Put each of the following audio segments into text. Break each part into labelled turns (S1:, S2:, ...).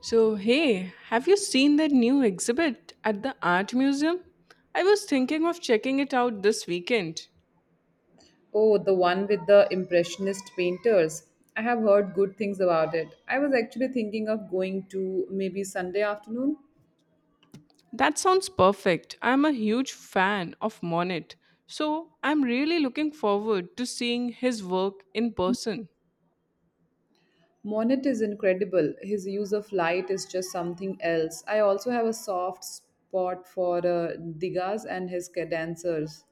S1: So, hey, have you seen that new exhibit at the art museum? I was thinking of checking it out this weekend.
S2: Oh, the one with the Impressionist painters. I have heard good things about it. I was actually thinking of going to maybe Sunday afternoon.
S1: That sounds perfect. I'm a huge fan of Monet, so I'm really looking forward to seeing his work in person.
S2: Monet is incredible. His use of light is just something else. I also have a soft spot for Degas and his cadencers.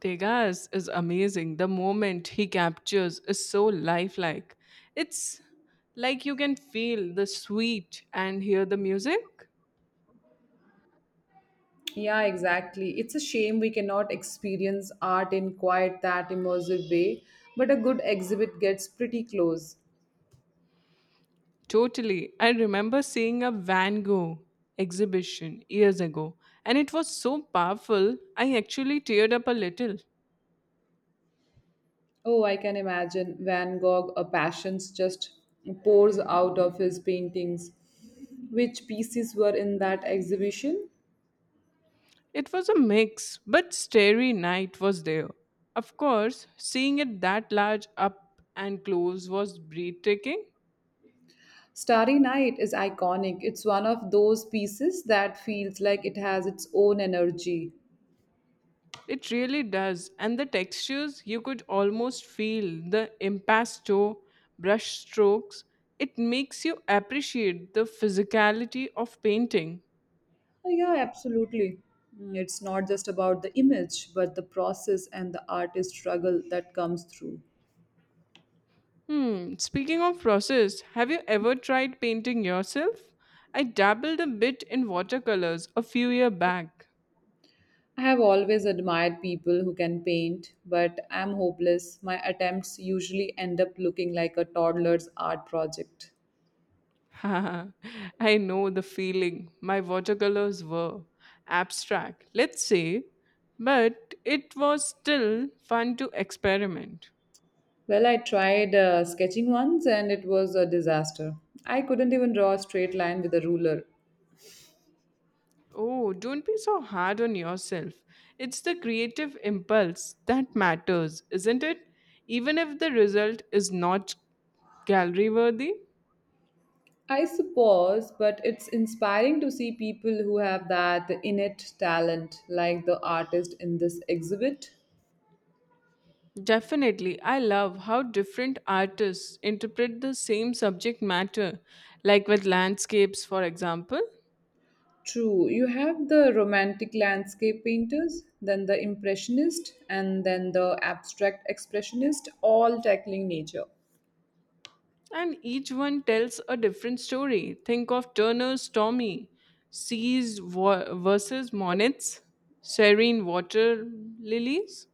S1: Degas is amazing. The moment he captures is so lifelike. It's like you can feel the sweet and hear the music.
S2: Yeah, exactly. It's a shame we cannot experience art in quite that immersive way, but a good exhibit gets pretty close.
S1: Totally. I remember seeing a Van Gogh exhibition years ago, and it was so powerful, I actually teared up a little.
S2: Oh, I can imagine Van Gogh, a passions just pours out of his paintings. Which pieces were in that exhibition?
S1: It was a mix, but Starry Night was there. Of course, seeing it that large up and close was breathtaking.
S2: Starry Night is iconic. It's one of those pieces that feels like it has its own energy.
S1: It really does, and the textures, you could almost feel the impasto, brush strokes. It makes you appreciate the physicality of painting.
S2: Oh, yeah, absolutely. It's not just about the image, but the process and the artist struggle that comes through.
S1: Speaking of process, have you ever tried painting yourself? I dabbled a bit in watercolors a few year back.
S2: I have always admired people who can paint, but I'm hopeless. My attempts usually end up looking like a toddler's art project.
S1: I know the feeling. My watercolors were abstract, let's say, but it was still fun to experiment.
S2: Well, I tried sketching once and it was a disaster. I couldn't even draw a straight line with a ruler.
S1: Oh, don't be so hard on yourself. It's the creative impulse that matters, isn't it? Even if the result is not gallery worthy.
S2: I suppose, but it's inspiring to see people who have that innate talent, like the artist in this exhibit.
S1: Definitely. I love how different artists interpret the same subject matter, like with landscapes, for example,
S2: True, you have the romantic landscape painters, then the impressionist, and then the abstract expressionist, all tackling nature.
S1: and each one tells a different story. Think of Turner's stormy seas versus Monet's serene water lilies.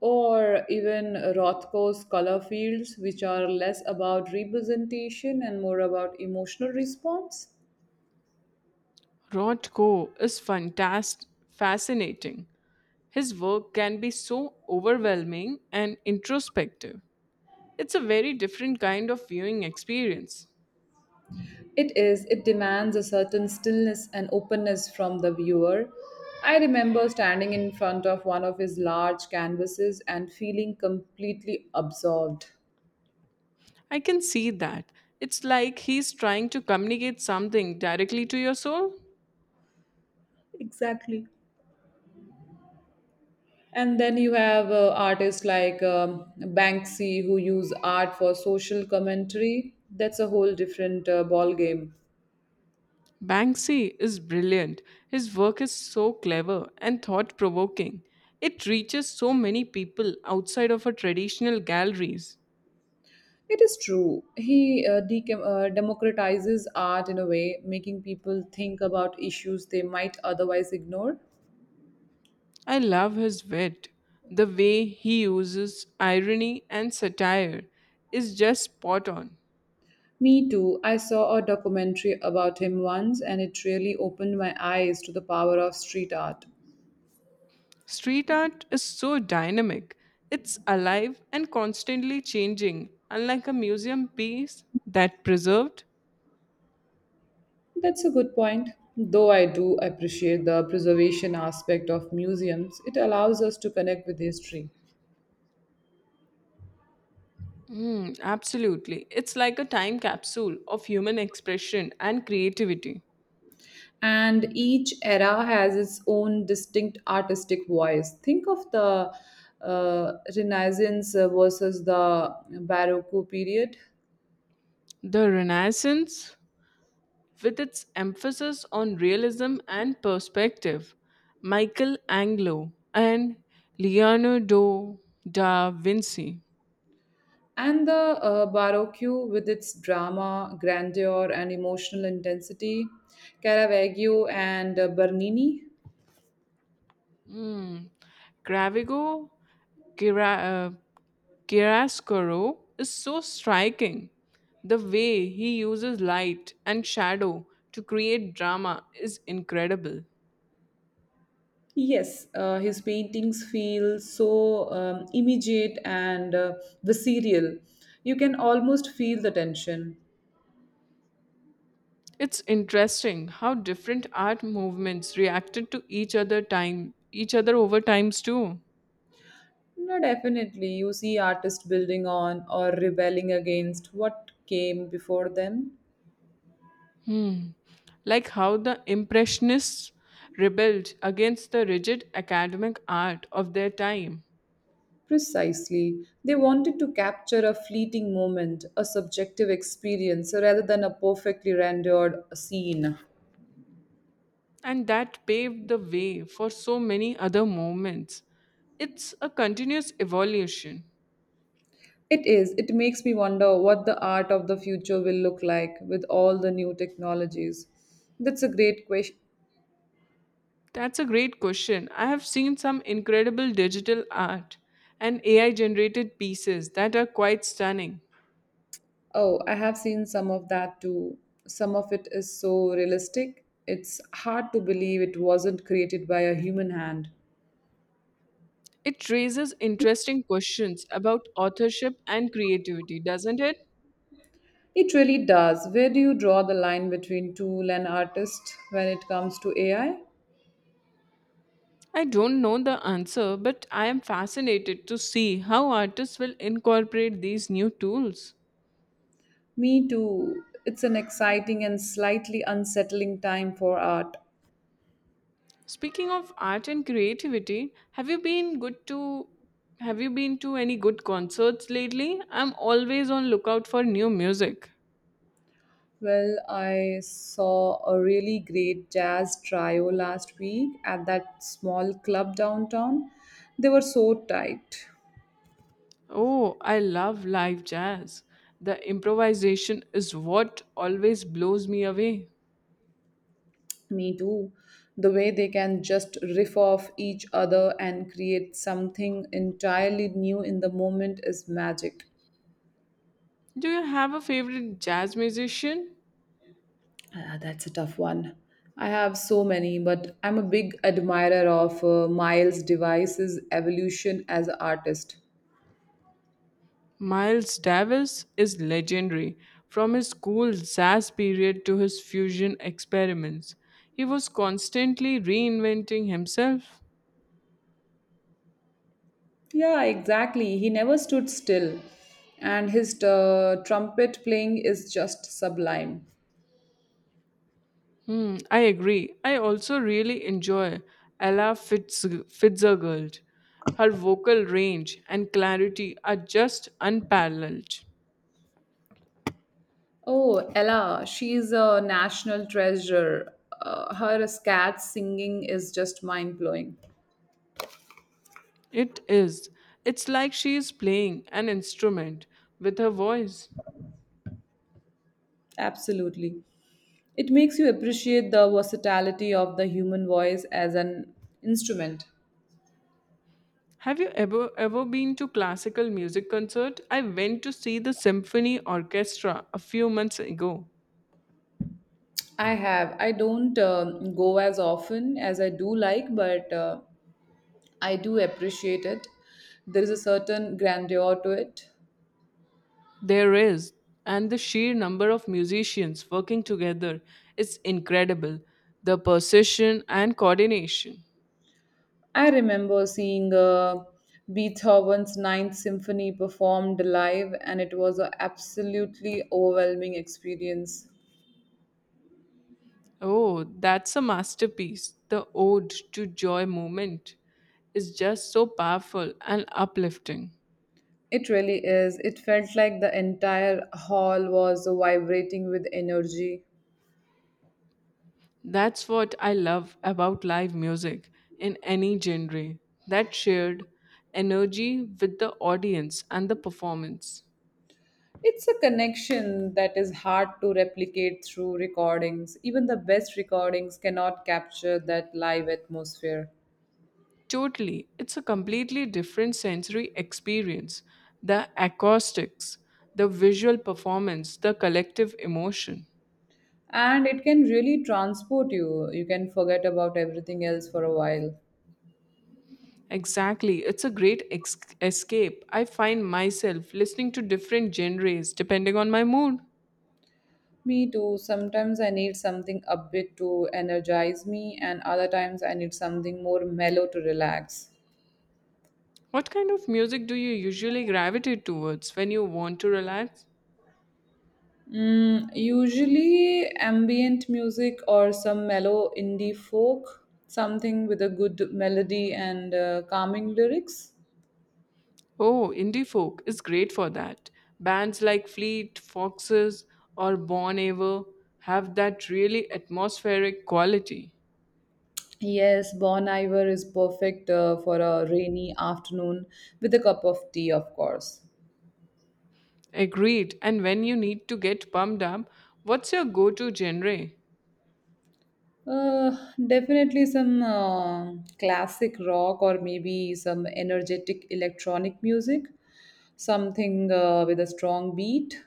S2: Or even Rothko's color fields, which are less about representation and more about emotional response.
S1: Rothko is fantastic, fascinating. His work can be so overwhelming and introspective. It's a very different kind of viewing experience.
S2: It is, it demands a certain stillness and openness from the viewer. I remember standing in front of one of his large canvases and feeling completely absorbed.
S1: I can see that. It's like he's trying to communicate something directly to your soul.
S2: Exactly. And then you have artists like Banksy who use art for social commentary. That's a whole different ball game.
S1: Banksy is brilliant. His work is so clever and thought provoking. It reaches so many people outside of our traditional galleries.
S2: It is true. He decam democratizes art in a way, making people think about issues they might otherwise ignore.
S1: I love his wit. The way he uses irony and satire is just spot on.
S2: Me too. I saw a documentary about him once, and it really opened my eyes to the power of street art.
S1: Street art is so dynamic. It's alive and constantly changing, unlike a museum piece that preserved.
S2: That's a good point. Though I do appreciate the preservation aspect of museums, it allows us to connect with history.
S1: Absolutely. It's like a time capsule of human expression and creativity.
S2: And each era has its own distinct artistic voice. Think of the Renaissance versus the Baroque period,
S1: The Renaissance, with its emphasis on realism and perspective, Michael Anglo and Leonardo da Vinci.
S2: and the Baroque with its drama, grandeur, and emotional intensity, Caravaggio and Bernini.
S1: Mm. Gravigo Gira, uh, Girascuro is so striking. The way he uses light and shadow to create drama is incredible.
S2: Yes, his paintings feel so immediate and visceral. You can almost feel the tension.
S1: It's interesting how different art movements reacted to each other over times too.
S2: No, definitely. You see artists building on or rebelling against what came before them.
S1: Hmm. Like how the Impressionists rebelled against the rigid academic art of their time,
S2: Precisely. They wanted to capture a fleeting moment, a subjective experience, rather than a perfectly rendered scene.
S1: and that paved the way for so many other movements. It's a continuous evolution.
S2: It is. It makes me wonder what the art of the future will look like with all the new technologies. That's a great question.
S1: That's a great question. I have seen some incredible digital art and AI generated pieces that are quite stunning.
S2: Oh, I have seen some of that too. Some of it is so realistic. It's hard to believe it wasn't created by a human hand.
S1: It raises interesting questions about authorship and creativity, doesn't it?
S2: It really does. Where do you draw the line between tool and artist when it comes to AI?
S1: I don't know the answer, but I am fascinated to see how artists will incorporate these new tools.
S2: Me too. It's an exciting and slightly unsettling time for art.
S1: Speaking of art and creativity, have you been to any good concerts lately? I'm always on lookout for new music.
S2: Well, I saw a really great jazz trio last week at that small club downtown. They were so tight.
S1: Oh, I love live jazz. The improvisation is what always blows me away.
S2: Me too. The way they can just riff off each other and create something entirely new in the moment is magic.
S1: Do you have a favorite jazz musician?
S2: Ah, that's a tough one. I have so many, but I'm a big admirer of Miles Device's evolution as an artist.
S1: Miles Davis is legendary. From his cool jazz period to his fusion experiments, he was constantly reinventing himself.
S2: Yeah, exactly. He never stood still, and his trumpet playing is just sublime.
S1: I agree. I also really enjoy Fitzgerald. Her vocal range and clarity are just unparalleled.
S2: Oh, Ella, she's a national treasure. Her scat singing is just mind blowing.
S1: It is. It's like she is playing an instrument with her voice.
S2: Absolutely. It makes you appreciate the versatility of the human voice as an instrument.
S1: Have you ever been to classical music concert? I went to see the symphony orchestra a few months ago.
S2: I have. I don't go as often as I do like, but I do appreciate it. There is a certain grandeur to it.
S1: There is, and the sheer number of musicians working together is incredible. The precision and coordination.
S2: I remember seeing Beethoven's Ninth Symphony performed live, and it was an absolutely overwhelming experience.
S1: Oh, that's a masterpiece. The Ode to Joy movement is just so powerful and uplifting.
S2: It really is. It felt like the entire hall was vibrating with energy.
S1: That's what I love about live music in any genre, that shared energy with the audience and the performance.
S2: It's a connection that is hard to replicate through recordings. Even the best recordings cannot capture that live atmosphere.
S1: Totally. It's a completely different sensory experience. The acoustics, the visual performance, the collective emotion.
S2: And it can really transport you. You can forget about everything else for a while.
S1: Exactly. It's a great escape. I find myself listening to different genres depending on my mood.
S2: Me too. Sometimes I need something upbeat to energize me, and other times I need something more mellow to relax.
S1: What kind of music do you usually gravitate towards when you want to relax?
S2: Usually ambient music or some mellow indie folk, something with a good melody and calming lyrics.
S1: Oh, indie folk is great for that. Bands like Fleet, Foxes, or Bon Iver have that really atmospheric quality.
S2: Yes, Bon Iver is perfect for a rainy afternoon with a cup of tea, of course.
S1: Agreed. And when you need to get pumped up, what's your go to genre?
S2: Uh, Definitely some classic rock or maybe some energetic electronic music, something with a strong beat.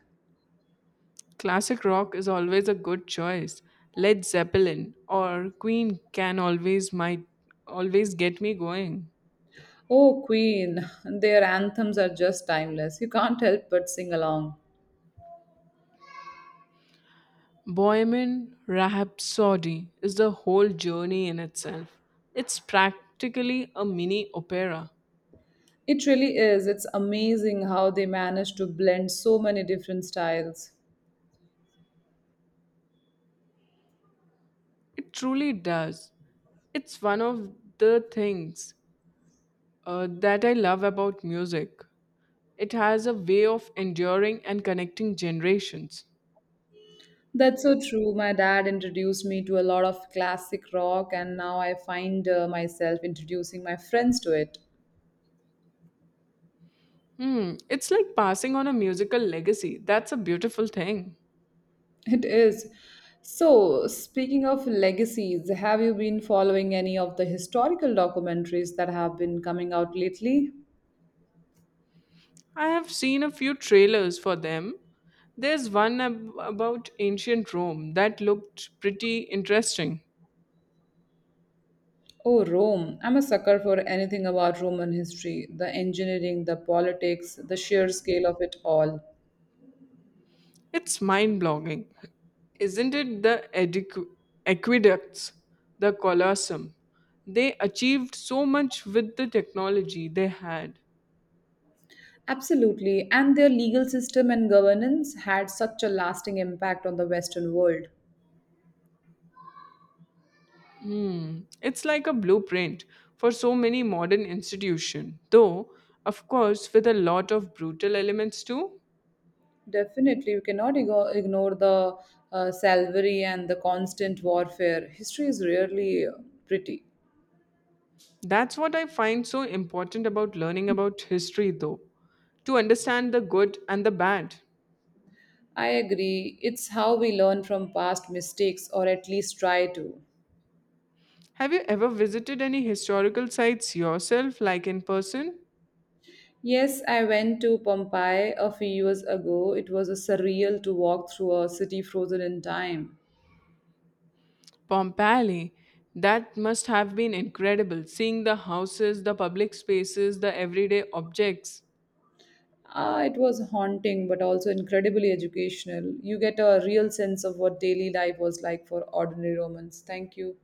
S1: Classic rock is always a good choice. Led Zeppelin or Queen can always might always get me going.
S2: Oh, Queen, their anthems are just timeless. You can't help but sing along.
S1: Bohemian Rhapsody is the whole journey in itself. It's practically a mini opera.
S2: It really is. It's amazing how they manage to blend so many different styles.
S1: It truly does. It's one of the things that I love about music. It has a way of enduring and connecting generations.
S2: That's so true. My dad introduced me to a lot of classic rock, and now I find myself introducing my friends to it.
S1: It's like passing on a musical legacy. That's a beautiful thing.
S2: It is. So, speaking of legacies, have you been following any of the historical documentaries that have been coming out lately?
S1: I have seen a few trailers for them. There's one about ancient Rome that looked pretty interesting.
S2: Oh, Rome. I'm a sucker for anything about Roman history, the engineering, the politics, the sheer scale of it all.
S1: It's mind blogging. Isn't it the aqueducts, the Colosseum? They achieved so much with the technology they had.
S2: Absolutely. And their legal system and governance had such a lasting impact on the Western world.
S1: Hmm. It's like a blueprint for so many modern institutions, though, of course, with a lot of brutal elements too.
S2: Definitely, you cannot ignore the salvary and the constant warfare. History is rarely pretty.
S1: That's what I find so important about learning about history, though, to understand the good and the bad.
S2: I agree. It's how we learn from past mistakes, or at least try to.
S1: Have you ever visited any historical sites yourself, like in person?
S2: Yes, I went to Pompeii a few years ago. It was a surreal to walk through a city frozen in time.
S1: Pompeii. That must have been incredible, seeing the houses, the public spaces, the everyday objects.
S2: Ah, it was haunting, but also incredibly educational. You get a real sense of what daily life was like for ordinary Romans. Thank you.